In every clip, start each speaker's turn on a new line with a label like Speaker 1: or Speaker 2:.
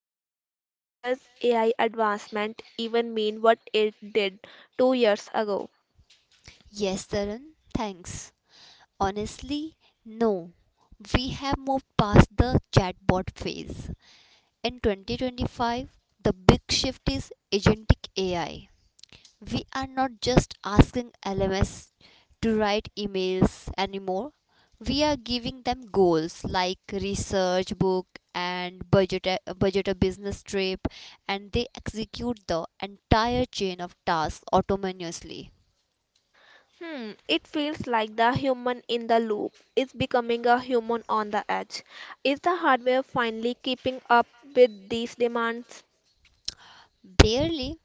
Speaker 1: 2025, does AI advancement even mean what it did 2 years ago?
Speaker 2: Past the chatbot phase. In 2025, the big shift is agentic AI. We are not just asking LMS to write emails anymore. We are giving them goals like research book and budget a business trip and they execute the entire chain of tasks autonomously.
Speaker 1: Hmm, it feels like the human in the loop is becoming a human on the edge. Is the hardware finally keeping up with these demands?
Speaker 2: Barely.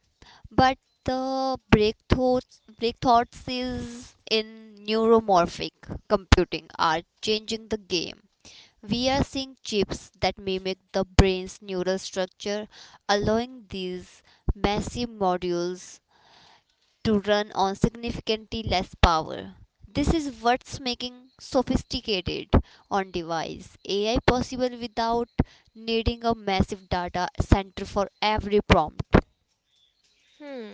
Speaker 2: But the breakthroughs is in neuromorphic computing are changing the game. We are seeing chips that mimic the brain's neural structure, allowing these massive modules to run on significantly less power. This is what's making sophisticated on device AI possible without needing a massive data center for every prompt.
Speaker 1: Hmm,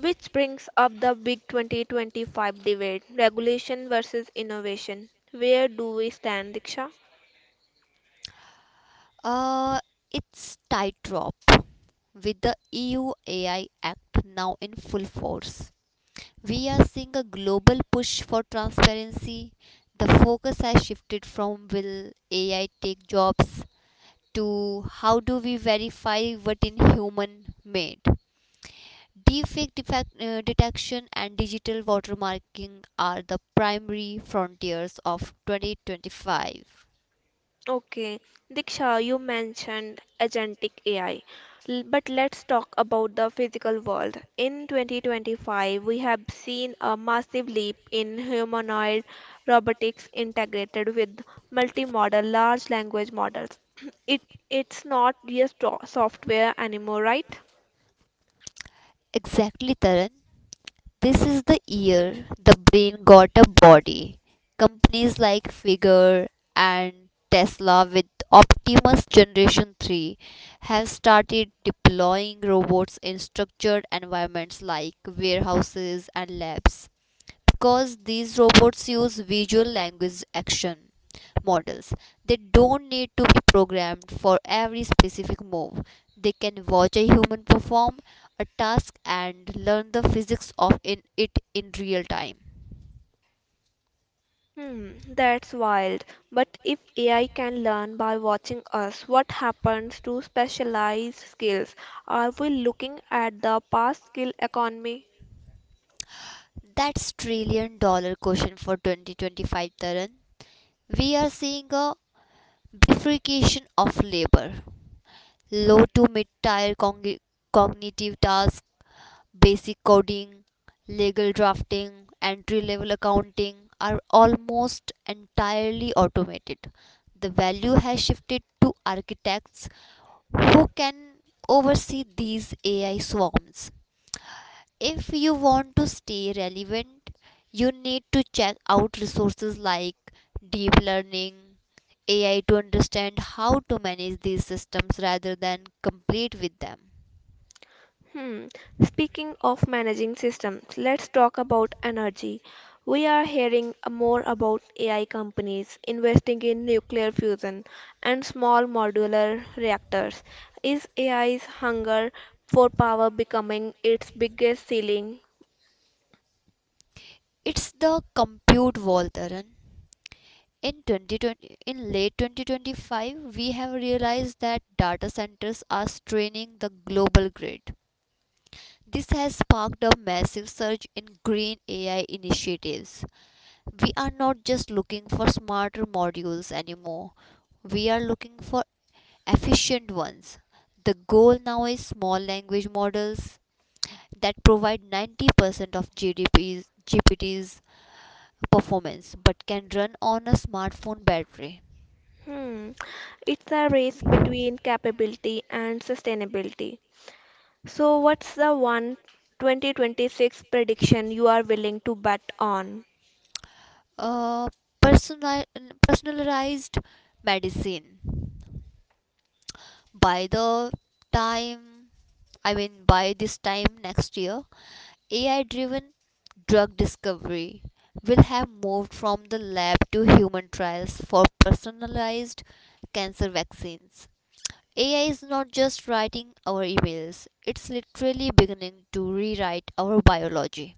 Speaker 1: which brings up the big 2025 debate, regulation versus innovation. Where do we stand, Diksha?
Speaker 2: Uh, it's tightrope. With the EU AI Act now in full force, we are seeing a global push for transparency. The focus has shifted from will AI take jobs to how do we verify what in human made. Deepfake detection and digital watermarking are the primary frontiers of 2025.
Speaker 1: Okay. Diksha, you mentioned agentic AI, but let's talk about the physical world. In 2025, we have seen a massive leap in humanoid robotics integrated with multimodal large language models. It it's not just software anymore, right?
Speaker 2: Exactly, Taran. This is the year the brain got a body. Companies like Figure and Tesla with Optimus Generation 3 have started deploying robots in structured environments like warehouses and labs because these robots use visual language action models. They don't need to be programmed for every specific move. They can watch a human perform a task and learn the physics of in it in real time.
Speaker 1: Hmm, that's wild. But if AI can learn by watching us, what happens to specialized skills? Are we looking at the past skill economy?
Speaker 2: That's trillion dollar question for 2025, Taran. We are seeing a bifurcation of labor. Low to mid tier cognitive tasks. Basic coding, legal drafting, entry level accounting are almost entirely automated. The value has shifted to architects who can oversee these AI swarms. If you want to stay relevant, you need to check out resources like deep learning, AI to understand how to manage these systems rather than compete with them.
Speaker 1: Hmm. Speaking of managing systems, let's talk about energy. We are hearing more about AI companies investing in nuclear fusion and small modular reactors. Is AI's hunger for power becoming its biggest ceiling?
Speaker 2: It's the compute wall, Taran. In 2020, in late 2025, we have realized that data centers are straining the global grid. This has sparked a massive surge in green AI initiatives. We are not just looking for smarter modules anymore, we are looking for efficient ones. The goal now is small language models that provide 90% of GDP's, GPT's performance but can run on a smartphone battery.
Speaker 1: Hmm. It's a race between capability and sustainability. So, what's the one 2026 prediction you are willing to bet on?
Speaker 2: uh, personal, Personalized medicine. By the time, I mean, by this time next year, AI driven drug discovery will have moved from the lab to human trials for personalized cancer vaccines. AI is not just writing our emails, it's literally beginning to rewrite our biology.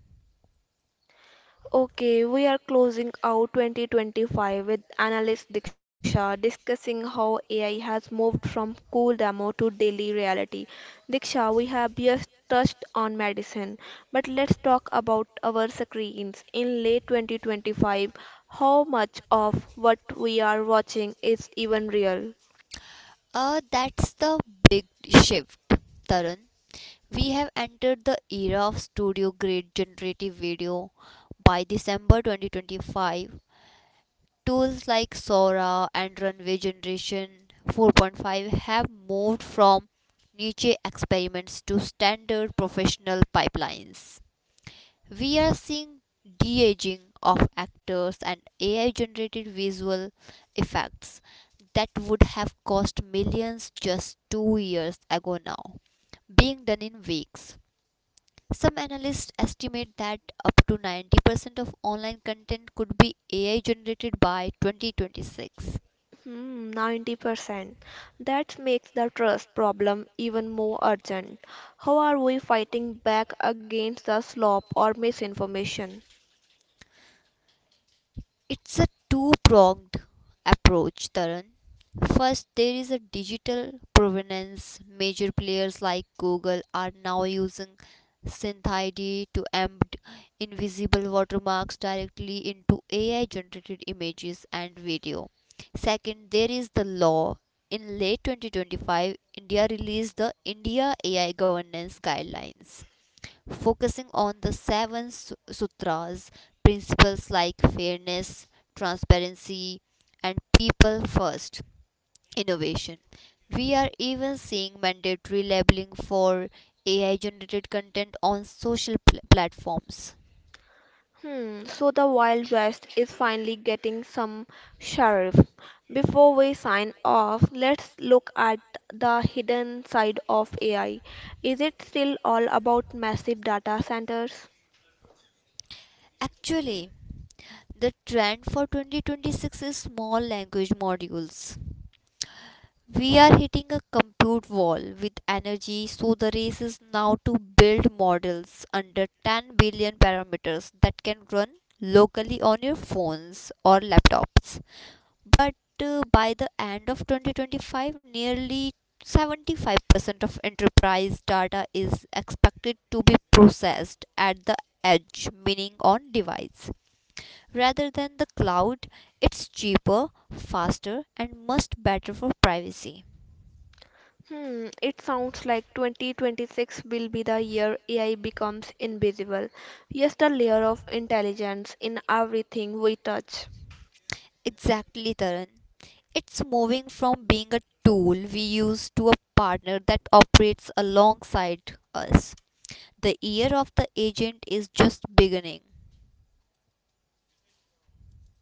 Speaker 1: Okay, we are closing out 2025 with analyst Diksha, discussing how AI has moved from cool demo to daily reality. Diksha, we have just touched on medicine, but let's talk about our screens. In late 2025, how much of what we are watching is even real?
Speaker 2: That's the big shift, Tarun. We have entered the era of studio grade generative video. By December 2025, tools like Sora and Runway Generation 4.5 have moved from niche experiments to standard professional pipelines. We are seeing de aging of actors and AI generated visual effects that would have cost millions just 2 years ago, now being done in weeks. Some analysts estimate that up to 90% of online content could be AI generated by 2026.
Speaker 1: Hmm, 90%. That makes the trust problem even more urgent. How are we fighting back against the slop or misinformation?
Speaker 2: It's a two pronged approach, Taran. First, there is a digital provenance. Major players like Google are now using SynthID to embed invisible watermarks directly into AI generated images and video. Second, there is the law. In late 2025, India released the India AI Governance Guidelines focusing on the seven sutras, principles like fairness, transparency, and people first innovation. We are even seeing mandatory labeling for AI generated content on social platforms.
Speaker 1: Hmm, so the Wild West is finally getting some sheriff. Before we sign off, let's look at the hidden side of AI. Is it still all about massive data centers?
Speaker 2: Actually, the trend for 2026 is small language modules. We are hitting a compute wall with energy, so the race is now to build models under 10 billion parameters that can run locally on your phones or laptops. But by the end of 2025, nearly 75% of enterprise data is expected to be processed at the edge, meaning on device, rather than the cloud. It's cheaper, faster, and much better for privacy.
Speaker 1: Hmm, it sounds like 2026 will be the year AI becomes invisible. Just a layer of intelligence in everything we touch.
Speaker 2: Exactly, Taran. It's moving from being a tool we use to a partner that operates alongside us. The year of the agent is just beginning.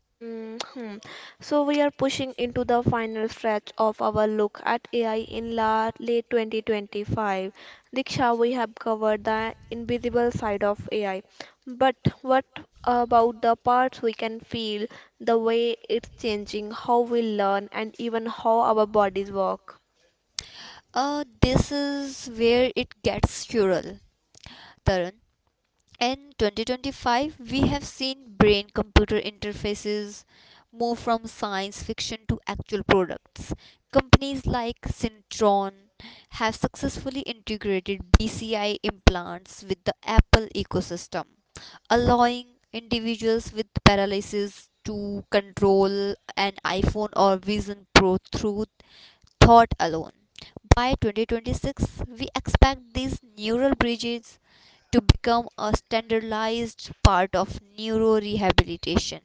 Speaker 1: Mm, hmm. So we are pushing into the final stretch of our look at AI in la late 2025. Diksha, we have covered the invisible side of AI, but what about the parts we can feel, the way it's changing, how we learn, and even how our bodies work?
Speaker 2: This is where it gets squirrel, Taran. In 2025, we have seen brain computer interfaces move from science fiction to actual products. Companies like Syntron have successfully integrated BCI implants with the Apple ecosystem, allowing individuals with paralysis to control an iPhone or Vision Pro through thought alone. By 2026, we expect these neural bridges to become a standardized part of neuro rehabilitation.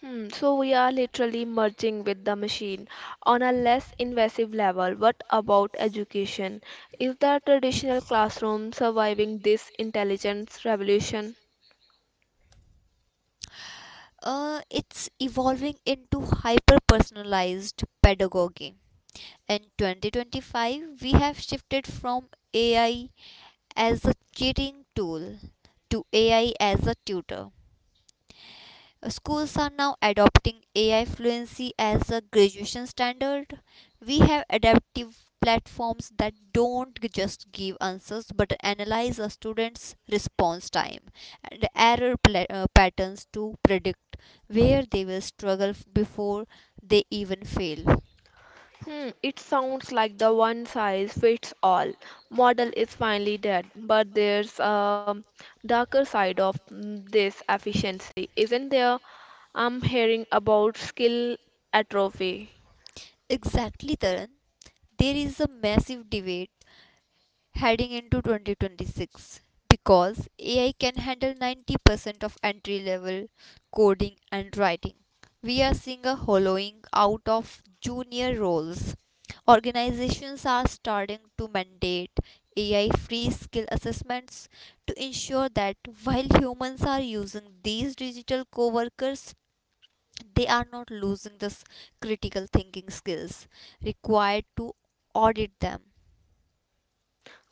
Speaker 1: Hmm, so we are literally merging with the machine on a less invasive level. What about education? Is the traditional classroom surviving this intelligence revolution?
Speaker 2: It's evolving into hyper personalized pedagogy. In 2025, we have shifted from AI as a cheating tool to AI as a tutor. Schools are now adopting AI fluency as a graduation standard. We have adaptive platforms that don't just give answers but analyze a student's response time and error patterns to predict where they will struggle before they even fail.
Speaker 1: Hmm, it sounds like the one size fits all model is finally dead, but there's a darker side of this efficiency, isn't there? I'm hearing about skill atrophy.
Speaker 2: Exactly, Taran. There is a massive debate heading into 2026 because AI can handle 90% of entry level coding and writing. We are seeing a hollowing out of junior roles. Organizations are starting to mandate AI free skill assessments to ensure that while humans are using these digital coworkers, they are not losing the critical thinking skills required to audit them.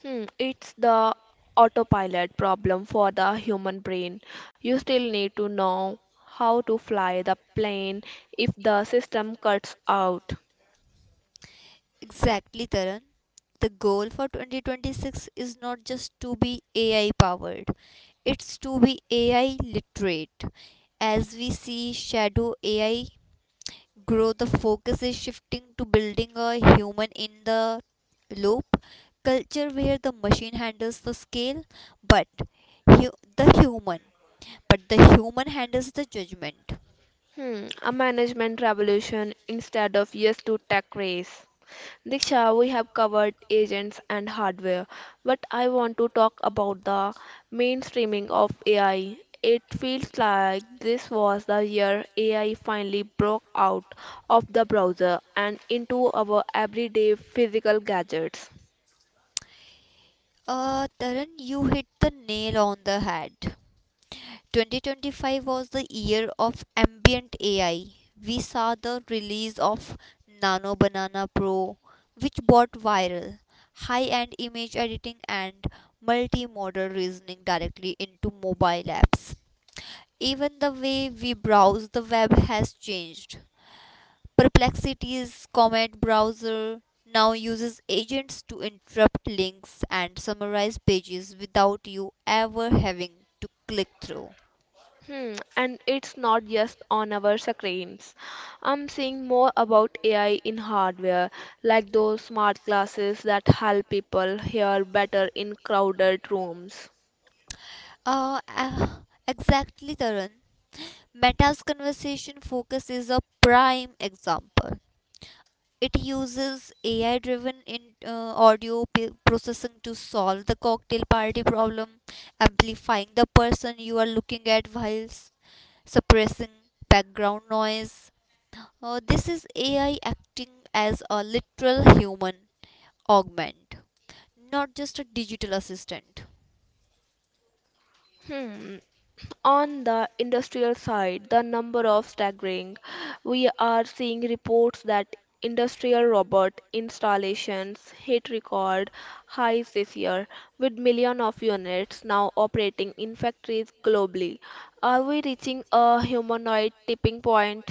Speaker 1: Hmm, it's the autopilot problem for the human brain. You still need to know how to fly the plane if the system cuts out.
Speaker 2: Exactly, Taran. The goal for 2026 is not just to be AI powered, it's to be AI literate. As we see shadow AI grow, the focus is shifting to building a human in the loop culture where the machine handles the scale, but hu- the human, but the human handles the judgment.
Speaker 1: Hmm, a management revolution instead of yes to tech race. Diksha, we have covered agents and hardware, but I want to talk about the mainstreaming of AI. It feels like this was the year AI finally broke out of the browser and into our everyday physical gadgets.
Speaker 2: Taran, you hit the nail on the head. 2025 was the year of ambient AI. We saw the release of Nano Banana Pro, which brought viral, high end image editing, and multimodal reasoning directly into mobile apps. Even the way we browse the web has changed. Perplexity's Comet browser now uses agents to interrupt links and summarize pages without you ever having to click through.
Speaker 1: Hmm, and it's not just on our screens. I'm seeing more about AI in hardware, like those smart glasses that help people hear better in crowded rooms.
Speaker 2: Uh, uh, exactly, Tarun. Meta's conversation focus is a prime example. It uses AI driven audio processing to solve the cocktail party problem, amplifying the person you are looking at whilst suppressing background noise. This is AI acting as a literal human augment, not just a digital assistant.
Speaker 1: Hmm, on the industrial side, the number of staggering. We are seeing reports that industrial robot installations hit record highs this year, with millions of units now operating in factories globally. Are we reaching a humanoid tipping point?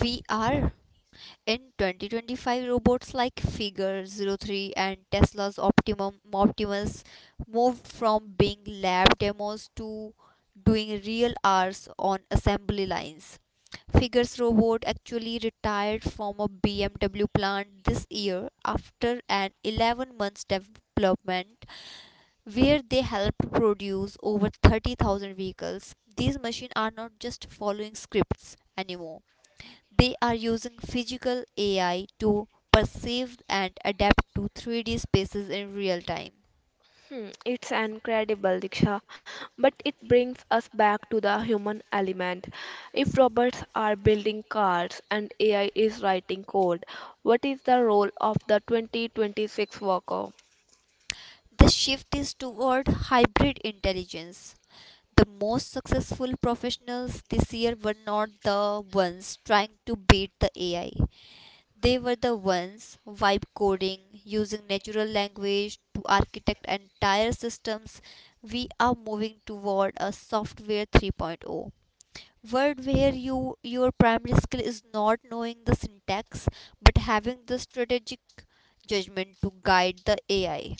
Speaker 2: We are. In 2025, robots like Figure zero 03 and Tesla's Optimum Optimus moved from being lab demos to doing real hours on assembly lines. Figure's robot actually retired from a BMW plant this year after an 11 months development where they helped produce over 30,000 vehicles. These machines are not just following scripts anymore. They are using physical AI to perceive and adapt to 3D spaces in real time.
Speaker 1: Hmm, it's incredible, Diksha, but it brings us back to the human element. If robots are building cars and AI is writing code, what is the role of the 2026 worker?
Speaker 2: The shift is toward hybrid intelligence. The most successful professionals this year were not the ones trying to beat the AI. They were the ones vibe coding, using natural language to architect entire systems. We are moving toward a software 3.0 word where your primary skill is not knowing the syntax but having the strategic judgment to guide the AI.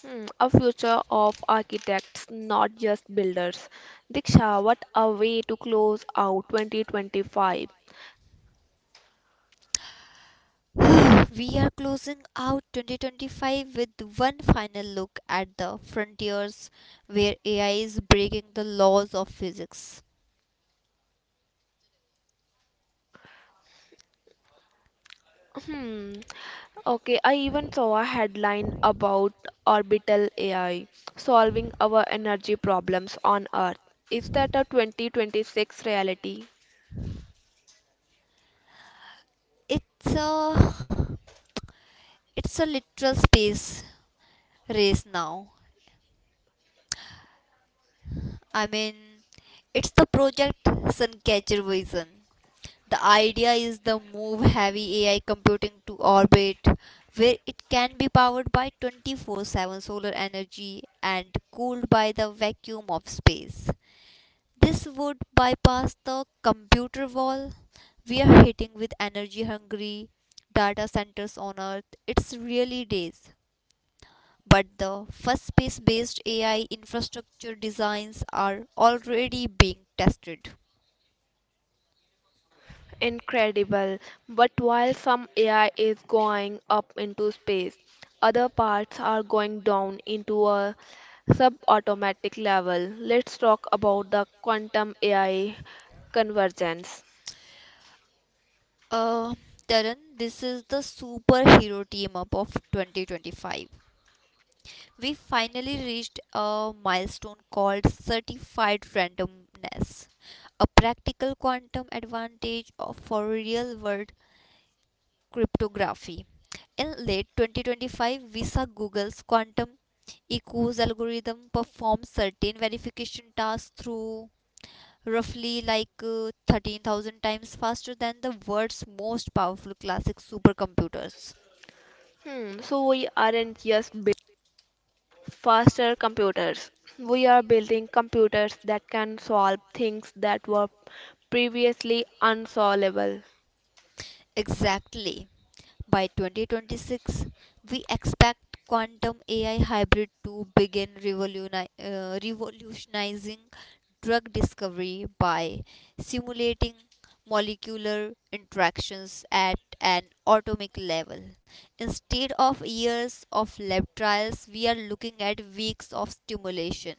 Speaker 1: Hmm, a future of architects, not just builders. Diksha, what a way to close out 2025.
Speaker 2: We are closing out 2025 with one final look at the frontiers where AI is breaking the laws of physics.
Speaker 1: Hmm. Okay, I even saw a headline about orbital AI solving our energy problems on Earth. Is that a 2026 reality?
Speaker 2: It's a it's a literal space race now. I mean, it's the project Suncatcher version. The idea is the move heavy AI computing to orbit where it can be powered by 24/7 solar energy and cooled by the vacuum of space. This would bypass the computer wall we are hitting with energy hungry data centers on earth. It's really days. But the first space based AI infrastructure designs are already being tested.
Speaker 1: Incredible. But while some AI is going up into space, other parts are going down into a subatomic level. Let's talk about the quantum AI convergence.
Speaker 2: Uh, Taran, this is the superhero team up of 2025. We finally reached a milestone called certified randomness, a practical quantum advantage for real world cryptography. In late 2025, we saw Google's quantum EQ's algorithm perform certain verification tasks through roughly like 13,000 times faster than the world's most powerful classic supercomputers.
Speaker 1: Hmm, so we aren't just faster computers. We are building computers that can solve things that were previously unsolvable.
Speaker 2: Exactly. By 2026, we expect quantum AI hybrid to begin revolutionizing drug discovery by simulating molecular interactions at an atomic level. Instead of years of lab trials, we are looking at weeks of stimulation.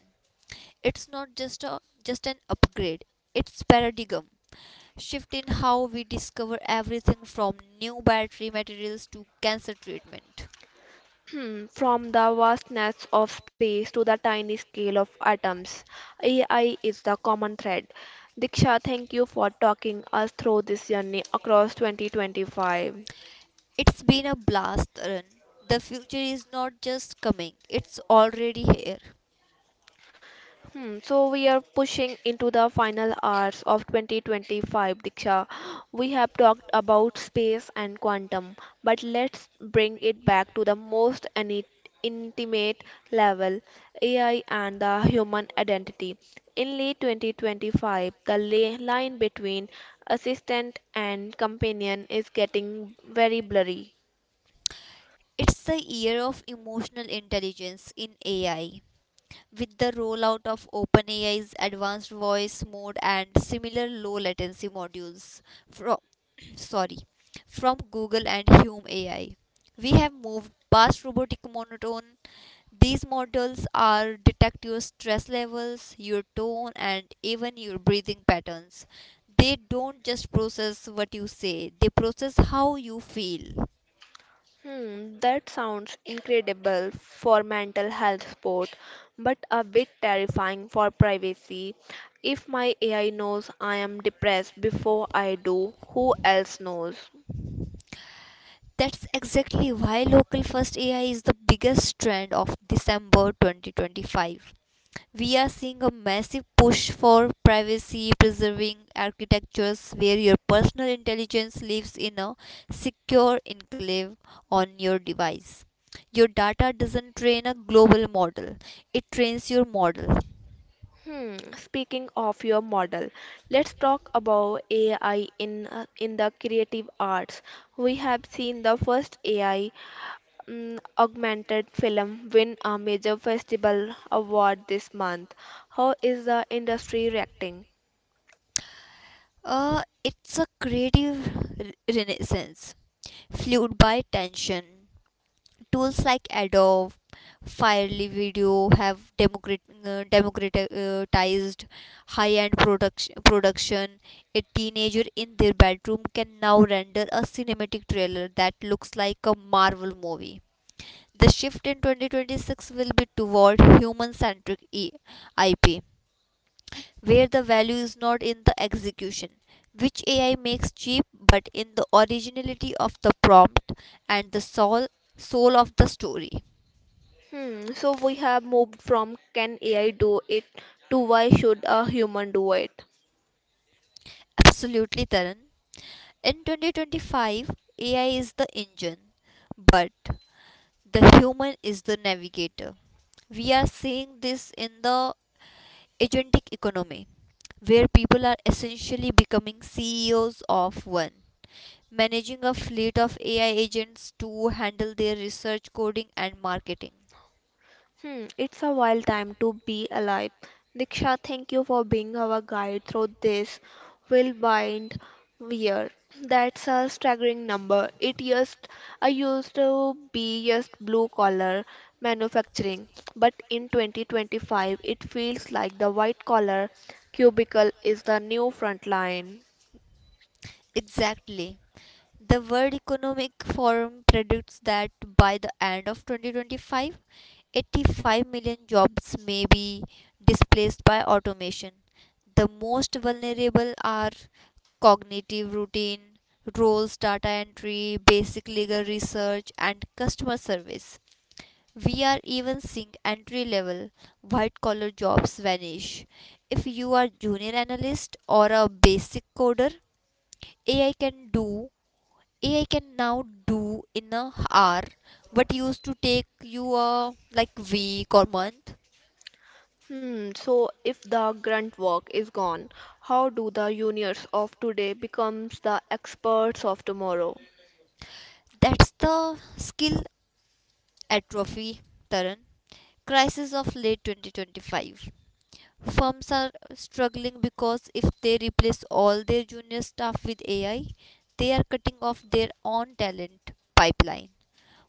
Speaker 2: It's not just an upgrade. It's paradigm shift in how we discover everything from new battery materials to cancer treatment.
Speaker 1: From the vastness of space to the tiny scale of atoms, AI is the common thread. Diksha, thank you for talking us through this journey across 2025.
Speaker 2: It's been a blast run. The future is not just coming, it's already here.
Speaker 1: Hmm, so we are pushing into the final hours of 2025, Diksha. We have talked about space and quantum, but let's bring it back to the most intimate level, AI and the human identity. In late 2025, the line between assistant and companion is getting very blurry.
Speaker 2: It's the year of emotional intelligence in AI. With the rollout of OpenAI's advanced voice mode and similar low latency modules from sorry from Google and Hume AI, we have moved past robotic monotone. These models are detect your stress levels, your tone, and even your breathing patterns. They don't just process what you say, they process how you feel.
Speaker 1: Hmm, that sounds incredible for mental health support, but a bit terrifying for privacy. If my AI knows I am depressed before I do, who else knows?
Speaker 2: That's exactly why local first AI is the biggest trend of December 2025. We are seeing a massive push for privacy preserving architectures where your personal intelligence lives in a secure enclave on your device. Your data doesn't train a global model, it trains your model.
Speaker 1: Hmm, speaking of your model, let's talk about AI in the creative arts. We have seen the first AI augmented film win a major festival award this month. How is the industry reacting?
Speaker 2: It's a creative renaissance fueled by tension tools like Adobe Firely Video have democratized high-end production. A teenager in their bedroom can now render a cinematic trailer that looks like a Marvel movie. The shift in 2026 will be toward human-centric IP, where the value is not in the execution, which AI makes cheap, but in the originality of the prompt and the soul of the story.
Speaker 1: Hmm, so we have moved from can AI do it to why should a human do it?
Speaker 2: Absolutely, Taran. In 2025, AI is the engine, but the human is the navigator. We are seeing this in the agentic economy, where people are essentially becoming CEOs of one, managing a fleet of AI agents to handle their research, coding, and marketing.
Speaker 1: Hmm, it's a wild time to be alive. Diksha, thank you for being our guide through this whirlwind year. That's a staggering number. It used I used to be just blue collar manufacturing, but in 2025 it feels like the white collar cubicle is the new front line.
Speaker 2: Exactly. The World Economic Forum predicts that by the end of 2025, 85 million jobs may be displaced by automation. The most vulnerable are cognitive routine roles, data entry, basic legal research, and customer service. We are even seeing entry level white collar jobs vanish. If you are junior analyst or a basic coder, AI can do AI can now do in a hour what used to take you a like week or month.
Speaker 1: Hmm, so if the grunt work is gone, how do the juniors of today becomes the experts of tomorrow?
Speaker 2: That's the skill atrophy, Taran. Crisis of late 2025. Firms are struggling because if they replace all their junior staff with AI, they are cutting off their own talent pipeline.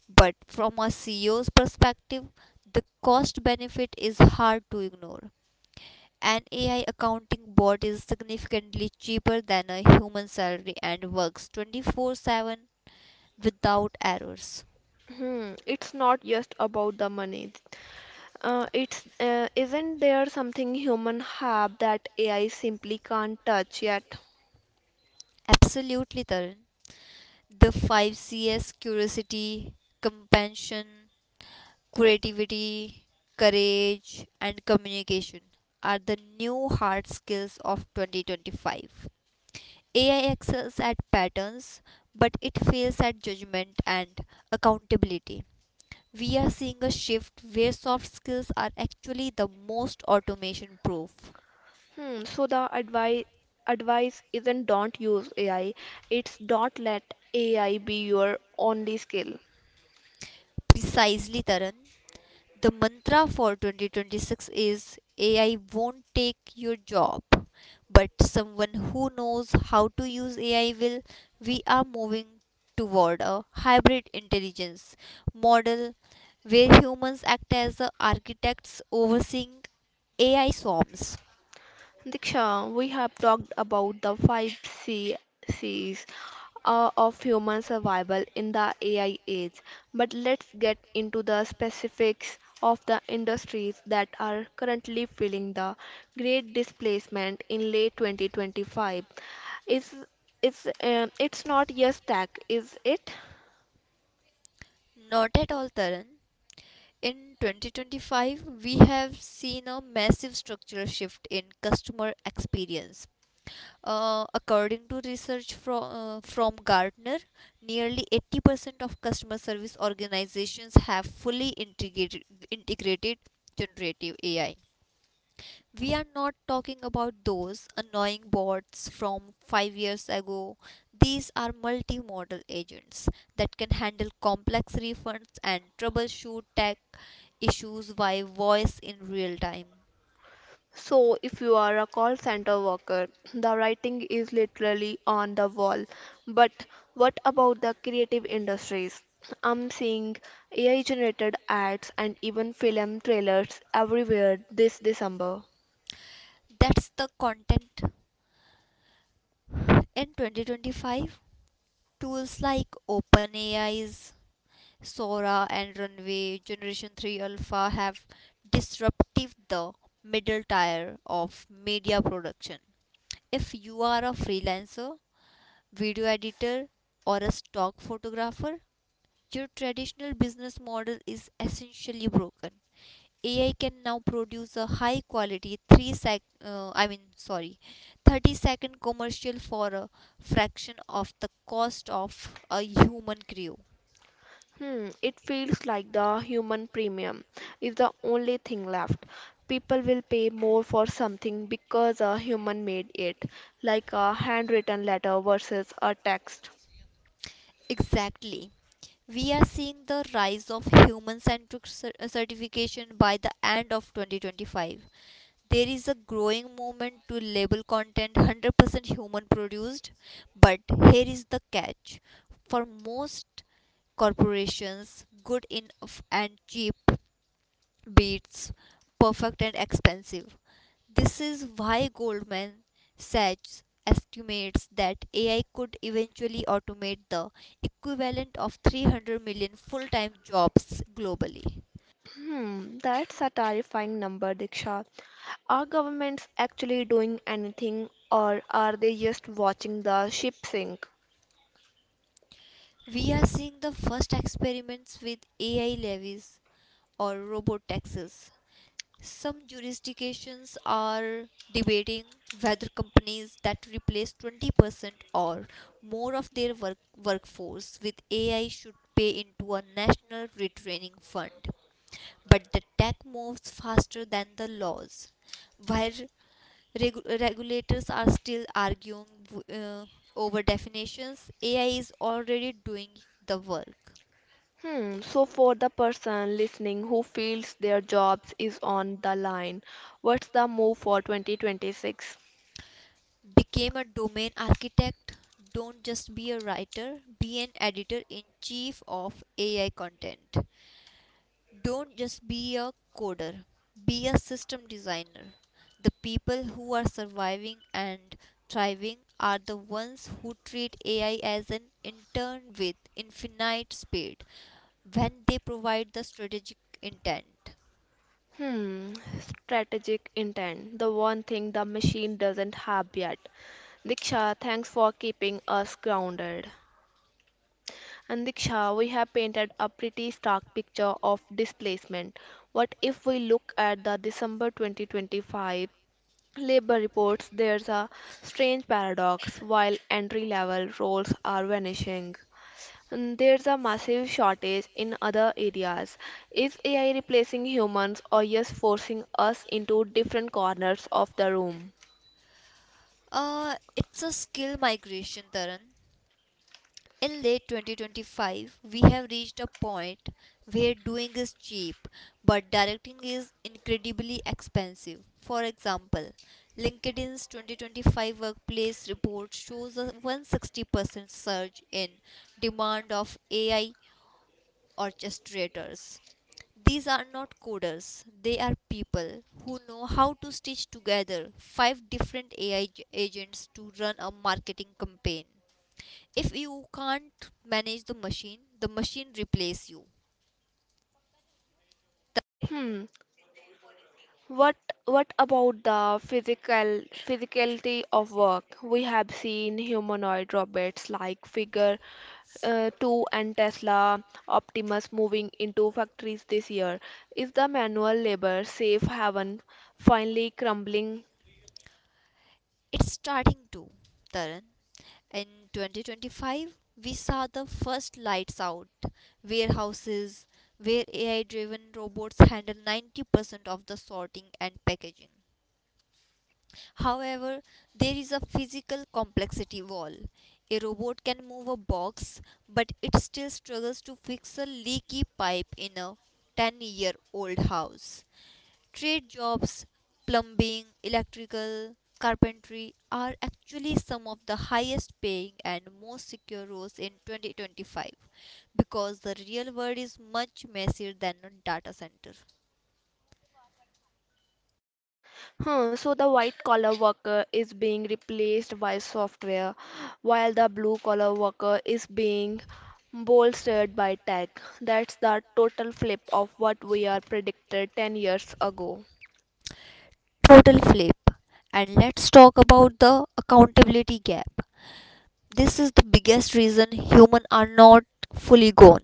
Speaker 2: But from a CEO's perspective, the cost benefit is hard to ignore. An AI accounting bot is significantly cheaper than a human salary and works 24/7 without errors.
Speaker 1: Hmm, it's not just about the money. It's isn't there something human have that AI simply can't touch yet?
Speaker 2: Absolutely, Tarun. The 5 C's, curiosity, compassion, creativity, courage, and communication, are the new hard skills of 2025. AI excels at patterns, but it fails at judgment and accountability. We are seeing a shift where soft skills are actually the most automation proof.
Speaker 1: Hmm, so the advice isn't, don't use AI. It's, don't let AI be your only skill.
Speaker 2: Precisely, Taran. The mantra for 2026 is AI won't take your job, but someone who knows how to use AI will. We are moving toward a hybrid intelligence model where humans act as the architects overseeing AI swarms.
Speaker 1: Diksha, we have talked about the five C's, of human survival in the AI age, but let's get into the specifics of the industries that are currently feeling the great displacement in late 2025. Is it's not just tech, is it?
Speaker 2: Not at all, Taran. In 2025, we have seen a massive structural shift in customer experience. According to research from Gartner, nearly 80% of customer service organizations have fully integrated generative AI. We are not talking about those annoying bots from 5 years ago. These are multimodal agents that can handle complex refunds and troubleshoot tech issues via voice in real time.
Speaker 1: So, if you are a call center worker, the writing is literally on the wall. But what about the creative industries? I'm seeing AI generated ads and even film trailers everywhere this December.
Speaker 2: That's the content in 2025. Tools like OpenAI's Sora and Runway Generation 3 Alpha have disrupted the middle tier of media production. If you are a freelancer, video editor, or a stock photographer, your traditional business model is essentially broken. AI can now produce a high quality 3 sec uh, I mean sorry 30-second commercial for a fraction of the cost of a human crew.
Speaker 1: Hmm, it feels like the human premium is the only thing left. People will pay more for something because a human made it, like a handwritten letter versus a text.
Speaker 2: Exactly. We are seeing the rise of human centric certification by the end of 2025. There is a growing movement to label content 100% human produced, but here is the catch. For most corporations, good enough and cheap beats perfect and expensive. This is why Goldman Sachs estimates that AI could eventually automate the equivalent of 300 million full time jobs globally.
Speaker 1: Hmm, that's a terrifying number, Diksha. Are governments actually doing anything, or are they just watching the ship sink?
Speaker 2: We are seeing the first experiments with AI levies or robot taxes. Some jurisdictions are debating whether companies that replace 20% or more of their workforce with AI should pay into a national retraining fund. But the tech moves faster than the laws, while regulators are still arguing uh, over definitions. AI is already doing the work.
Speaker 1: Hmm, so for the person listening who feels their jobs is on the line, what's the move for 2026?
Speaker 2: Became a domain architect. Don't just be a writer, be an editor in chief of AI content. Don't just be a coder, be a system designer. The people who are surviving and thriving are the ones who treat AI as an intern with infinite speed when they provide the strategic intent.
Speaker 1: Hmm, strategic intent, the one thing the machine doesn't have yet. Diksha, thanks for keeping us grounded. And Diksha, we have painted a pretty stark picture of displacement. What if we look at the December 2025 labor reports? There's a strange paradox. While entry level roles are vanishing, and there's a massive shortage in other areas. Is AI replacing humans or just forcing us into different corners of the room?
Speaker 2: It's a skill migration, Taran. In late 2025, we have reached a point where doing is cheap, but directing is incredibly expensive. For example, LinkedIn's 2025 workplace report shows a 160% surge in demand of AI orchestrators. These are not coders, they are people who know how to stitch together five different AI agents to run a marketing campaign. If you can't manage the machine replace you.
Speaker 1: Hmm, What what about the physicality of work? We have seen humanoid robots like Figure 2 and Tesla Optimus moving into factories this year. Is the manual labor safe haven finally crumbling?
Speaker 2: It's starting to, Taran. In 2025, we saw the first lights out warehouses where AI driven robots handle 90% of the sorting and packaging. However, there is a physical complexity wall. A robot can move a box, but it still struggles to fix a leaky pipe in a 10-year-old house. Trade jobs, plumbing, electrical, carpentry are actually some of the highest paying and most secure roles in 2025 because the real world is much messier than a data center.
Speaker 1: Huh, so the white collar worker is being replaced by software, while the blue collar worker is being bolstered by tech. That's the total flip of what we are predicted 10 years ago.
Speaker 2: Total flip. And let's talk about the accountability gap. This is the biggest reason humans are not fully gone.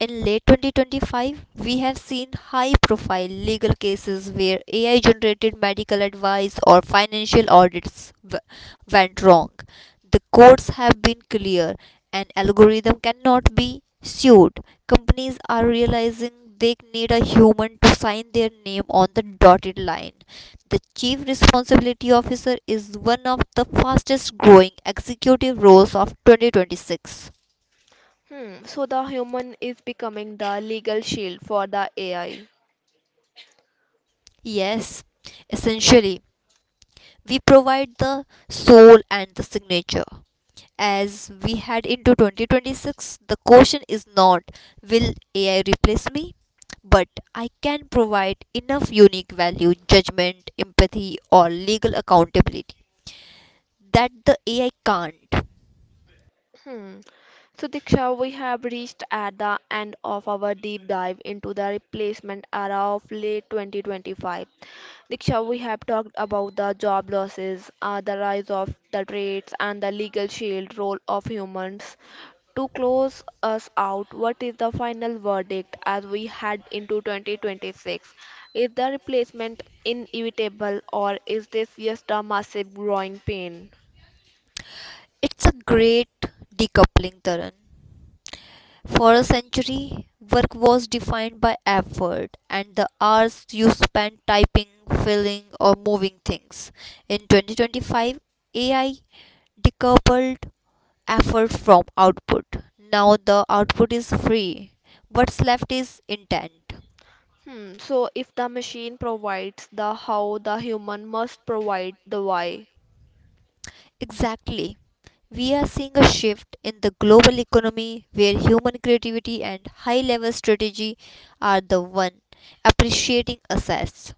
Speaker 2: In late 2025, we have seen high profile legal cases where AI generated medical advice or financial audits went wrong. The courts have been clear. An algorithm cannot be sued. Companies are realizing they need a human to sign their name on the dotted line. The chief responsibility officer is one of the fastest growing executive roles of 2026.
Speaker 1: Hmm, so the human is becoming the legal shield for the AI.
Speaker 2: Yes, essentially. We provide the soul and the signature. As we head into 2026, the question is not will AI replace me, but I can provide enough unique value, judgment, empathy, or legal accountability that the AI can't.
Speaker 1: Hmm. So, Diksha, we have reached at the end of our deep dive into the replacement era of late 2025. Diksha, we have talked about the job losses, the rise of the trades, and the legal shield role of humans. To close us out, what is the final verdict as we head into 2026? Is the replacement inevitable, or is this just a massive growing pain?
Speaker 2: It's a great decoupling, Taran. For a century, work was defined by effort and the hours you spent typing, filling, or moving things. In 2025, AI decoupled effort from output. Now the output is free, what's left is intent.
Speaker 1: Hmm, so, if the machine provides the how, the human must provide the why.
Speaker 2: Exactly. We are seeing a shift in the global economy where human creativity and high level strategy are the one appreciating assets.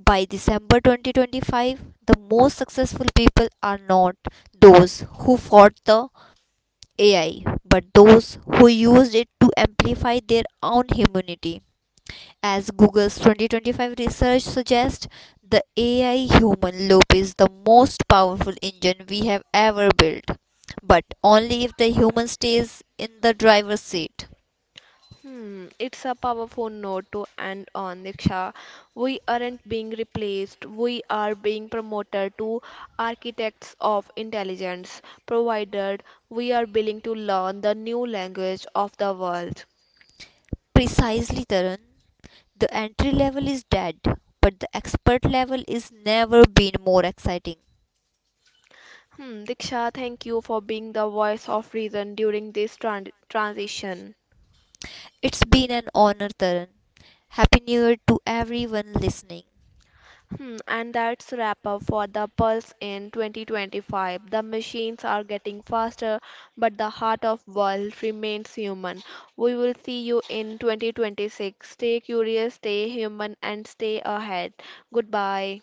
Speaker 2: By December 2025, the most successful people are not those who fought the AI, but those who used it to amplify their own humanity. As Google's 2025 research suggests, the AI human loop is the most powerful engine we have ever built, but only if the human stays in the driver's seat.
Speaker 1: Hmm, it's a powerful note to end on, Diksha. We aren't being replaced, we are being promoted to architects of intelligence, provided we are willing to learn the new language of the world.
Speaker 2: Precisely, Tarun. The entry level is dead, but the expert level is never been more exciting.
Speaker 1: Hmm, Diksha, thank you for being the voice of reason during this transition.
Speaker 2: It's been an honor, Taran. Happy New Year to everyone listening.
Speaker 1: Hmm, and that's wrap up for the Pulse in 2025. The machines are getting faster, but the heart of world remains human. We will see you in 2026. Stay curious, stay human, and stay ahead. Goodbye.